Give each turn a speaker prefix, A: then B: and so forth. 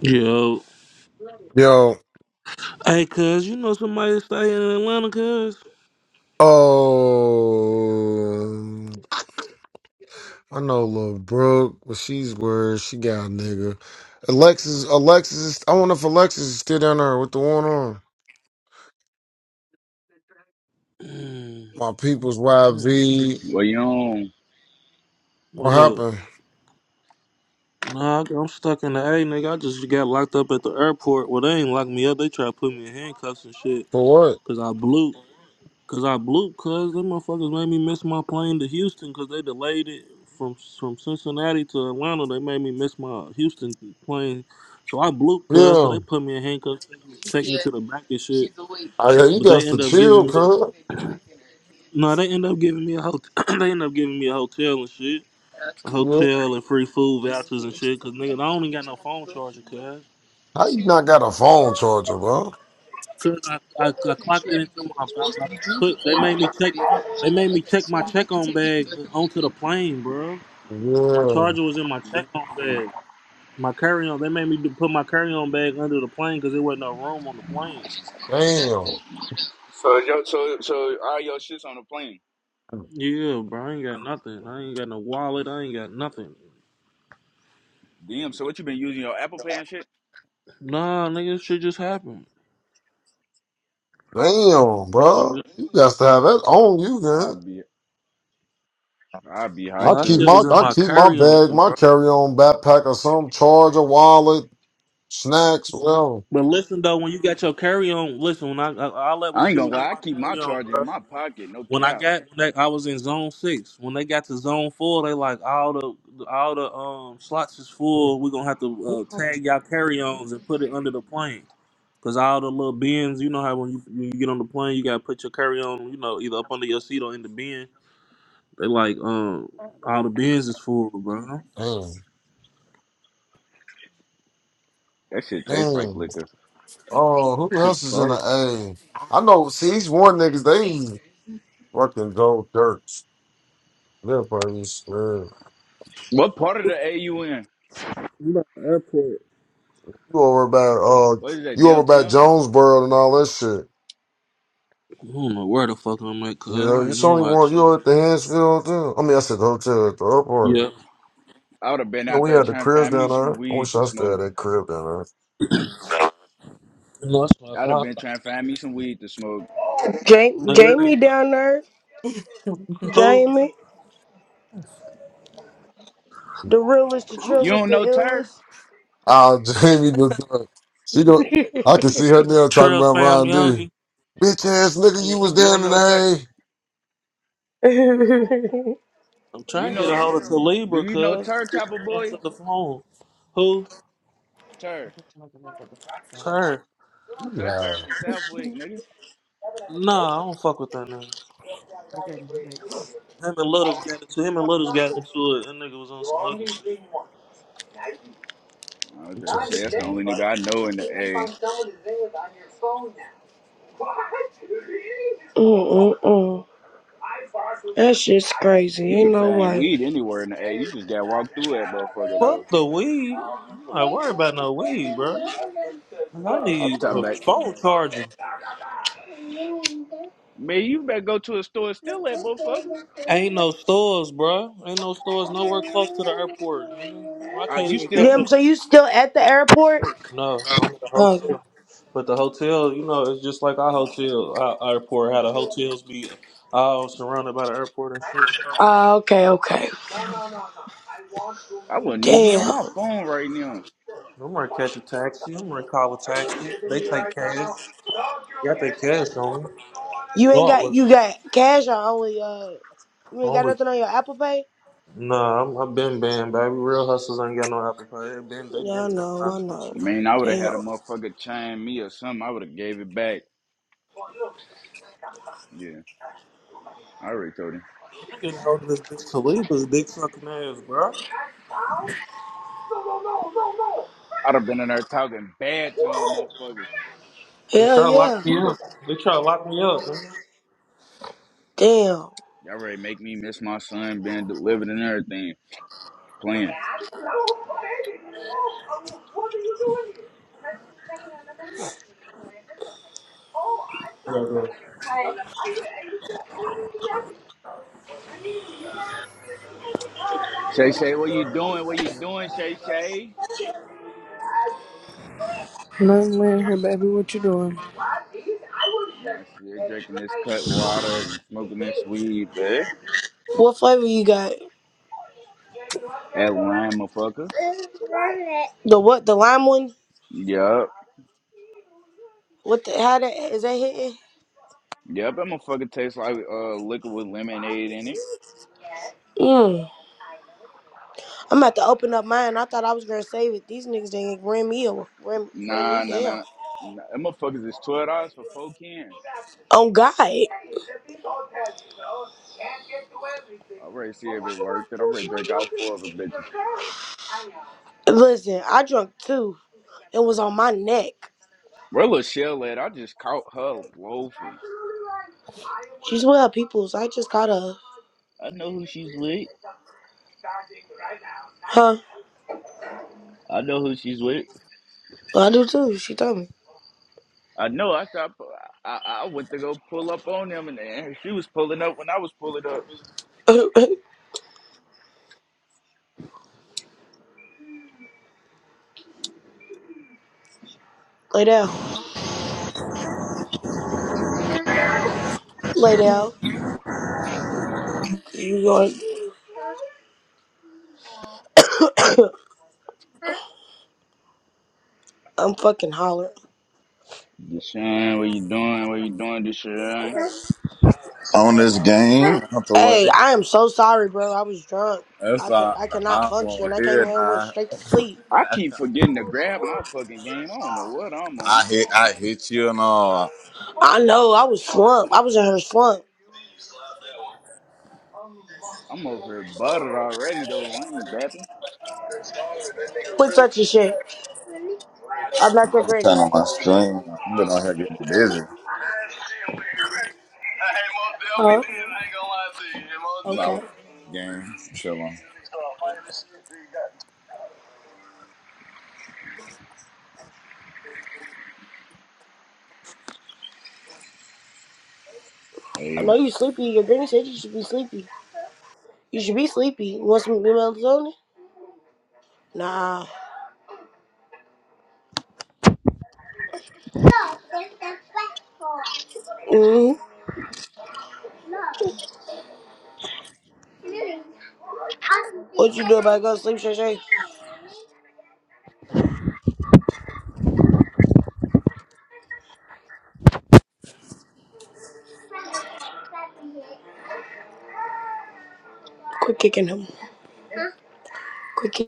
A: Yo.
B: Yo,
A: Hey, cuz, you know somebody stay in Atlanta, cuz?
B: oh, I know Lil Brooke, but she's worried. She got a nigga. Alexis, Alexis, is- I wonder if Alexis is still down there with the one on.
A: Mm,
B: My people's
A: mm.
B: YV.
C: Well, you know,
B: What
A: What up?
B: happened?
A: Nah, I- I'm stuck in the A, nigga. I just got locked up at the airport. Well, they ain't locked me up. They try to put me in handcuffs and shit.
B: For what?
A: Cause I blew. Cause I blew, cuz. Them motherfuckers made me miss my plane to Houston cause they delayed it from from Cincinnati to Atlanta. They made me miss my Houston plane. So I blew, cuz. So
B: Yeah.
A: they put me in handcuffs, take me to the back and shit.
B: I, yeah,
A: So,
B: you
A: but they
B: got to
A: end up giving
B: chill,
A: me a
B: cuz.
A: No, they end up giving me a hotel. they end up giving me a hotel and shit, a
B: Yeah.
A: hotel and free food vouchers and shit. Cause nigga, I don't even got no phone charger, cuz.
B: How you not got a phone charger, bro?
A: Cause I, I, I clocked it into my. I, I put, they made me check. They made me check my check on bag uh, onto the plane, bro. My
B: Yeah.
A: charger was in my check on bag. My carry on. They made me do- put my carry on bag under the plane because there wasn't no room on the plane.
B: Damn.
C: so yo, so so all your shits on the plane.
A: Yeah, bro. I ain't got nothing. I ain't got no wallet. I ain't got nothing.
C: Damn. So what you been using your Apple Pay and shit?
A: Nah, nigga, this shit just happened.
B: Damn,
A: This shit.
B: bro. You got to have that on you, man.
C: i be i be
B: I
C: hot
A: Nah, that
B: keep
C: too.
A: shit
B: my
A: was in
B: I
A: my
B: keep my
A: carry on,
B: bag, my
A: bro.
B: carry on backpack or something, charger, wallet, snacks, whatever.
A: But listen though, when you got your carry on, listen. When I, I all that was
C: I ain't
A: shit was
C: gonna
A: in
C: lie. I
A: my
C: keep
A: carry
C: my
A: on,
C: charger in
A: bro.
C: my pocket. No
A: When I
C: cap.
A: got, when they, I was in zone six. When they got to zone four, they like all the all the um slots is full. We're gonna have to uh, tag y'all carry ons and put it under the plane. Cause all the little bins, you know how when you when you get on the plane, you gotta put your carry on, you know, either up under your seat or in the bin. They like um all the bins is full, bro.
B: Damn,
C: That shit tastes like
B: damn.
C: liquor.
B: Oh, who
A: Shit's
B: else is in the
A: full.
B: A? I know. See, these one niggas they fucking go dirt. They're probably scared.
C: What part of the AU in?
A: You know, the airport.
B: You over about uh,
C: What is that
B: you over about
C: downtown?
B: Jonesboro and all that shit.
A: I don't know where the fuck I'm at, cuz
B: You know,
A: I ain't
B: it's
A: gonna
B: only
A: lie
B: one.
A: to
B: You over
A: you.
B: at the Hansfield Hotel. I mean, I said the hotel at the airport.
A: Yep.
C: I would have been
B: You know,
C: out
B: we
C: there
B: had the
C: trying to
B: cribs
C: find me
B: down
C: some
B: there. I
C: weed
B: wish
C: to
B: I still had
C: smoke.
B: that crib down there.
A: No, that's what I
C: I'd have
A: thought.
C: been trying to find me some weed to smoke.
D: Ja-
A: Nigga, that
D: Jamie
A: ain't-
D: down there.
A: who?
D: Jamie. The realest, the
A: Who?
C: You
D: trillest,
C: don't
D: the
C: know Tur?
D: illest.
B: Oh, Jamie just done. She don't. I can see her now talking
A: Trails
B: about
A: fam,
B: Ron D.
A: Youngie.
B: Bitch ass nigga,
A: Yeah,
B: you
A: I
B: was
C: You
A: ain't-
B: down
C: don't
B: in
C: know Tur?
B: the hay.
D: Mm-mm-mm.
A: I'm
C: You
A: trying to get
C: know?
A: a
C: T-
A: hold of
C: Do
A: Talibra,
C: you know
A: cuz.
C: Tur,
A: Bitch
C: Chopper
A: ain't
C: Boy?
A: answering the phone. Who?
C: Tur,
A: Her.
B: You
C: Tur, Tur
B: lying.
C: from Southwick, nigga.
A: Nah, I don't fuck with that nigga. Him and Littles got into him and Littles got into it. That nigga was on some other shit.
C: I was
B: You trying
C: just
B: to
C: say
B: see
C: that's the
B: me.
C: only nigga I know in the A.
D: That shit's crazy.
C: You
D: Ain't
C: can
D: no
C: find
D: way.
C: weed anywhere in the A. You just gotta walk through that motherfucker though.
A: Fuck the weed. I'm not worried about no weed, bro. I
C: I'm
A: need
C: talking
A: a
C: about
A: phone charger.
C: man, you better go to a store and steal that motherfucker.
A: Ain't no stores, bro. Ain't no stores nowhere close to the airport, nigga. Well, I
C: Uh,
A: can't
C: you
A: even
C: still
A: catch
D: Damn,
A: up.
D: so you still at the airport?
A: No, I'm at the
D: Oh.
A: hotel. But the hotel, you know, it's just like our hotel, our airport. How the hotels be all surrounded by the airport and shit.
D: Uh, okay, okay.
C: I wouldn't even be on
D: Damn.
C: my phone right now.
A: I'm gonna catch a taxi. I'm gonna call a taxi. They take cash. Got their cash on me.
D: You
A: No,
D: ain't
A: I
D: got
A: work.
D: you got cash or only uh you ain't got
A: Homie.
D: nothing on your Apple Pay?
A: Nah, I'm, I've been banned, baby. Real hustlers ain't got no Apple Pay. They been, they
D: Yeah, I
A: been taking
D: know,
A: my
D: I
A: shit.
D: know.
C: Man, I would have had a
D: Damn.
C: motherfucker chime me or something. I would have gave it back. Yeah, I already told him.
A: I'm getting hold of this bitch Khalifa's dick sucking ass, bro.
C: I'd have been in there talking bad to him, motherfucker.
A: They
D: Hell
A: try to lock
D: yeah.
A: me up. They try to lock me up. Man.
D: Damn.
C: Y'all already make me miss my son being delivered and everything. Playing.
A: Yeah, bro.
C: Shay Shay, what you doing? What you doing, Shay Shay?
E: No, man, I heard about what you doing.
C: Nah, shit, drinking this cut water and smoking this weed, babe.
D: What flavor you got?
C: That lime, motherfucker.
D: The what the lime one?
C: Yup.
D: What the how that is that hitting?
C: Yup, that motherfucker tastes like uh, liquor with lemonade in it.
D: Mm. I'm about to open up mine. I thought I was gonna save it. These niggas didn't ran me over, ran, ran
C: Nah,
D: me
C: nah,
D: down.
C: nah. nah that motherfuckers is $12 for four cans.
D: On God,
C: I already see if it worth it. I'm ready to drink out four of them bitches.
D: listen, I drunk two and was on my neck.
C: Bro, little shell at, I just caught her loafing.
D: She's with well, peoples. I just caught her.
C: I know who she's with.
D: Huh?
C: I know who she's with.
D: Well, I do too. She told me.
C: I know. I stopped. I, I I went to go pull up on them, and, and she was pulling up when I was pulling up.
D: Lay down. Lay down. You going? I'm fucking hollering.
C: Deshaun, what you doing? What you doing, Deshaun?
F: on this game out the way.
D: Hey, I am so sorry, bro. I was drunk.
F: That's
D: I could
F: all.
D: I could not
F: I don't
D: function.
F: want
D: I
F: to
D: came
F: hear it
D: here and went
F: now.
D: straight to sleep.
C: I keep forgetting to grab my fucking game. I don't know what I'm
F: I
C: on.
F: hit, I hit you and all.
D: I know I was slumped. I was in her slump.
C: I'm over here buttered already though. I ain't bapping.
F: I'm
D: Quit such a shit. I'm not your
F: just turning
D: granny.
F: on my stream. I'm been out here getting busy.
D: Huh?
F: Nah, we
D: Okay.
F: on game. Chilling.
D: I
C: Hey,
D: know you sleepy. Your granny said you should be sleepy. You should be sleepy. You want some new melatonin? Nah. Mm-hmm. What you do about go to sleep, Shay Shay? Quit kicking him. Quit kicking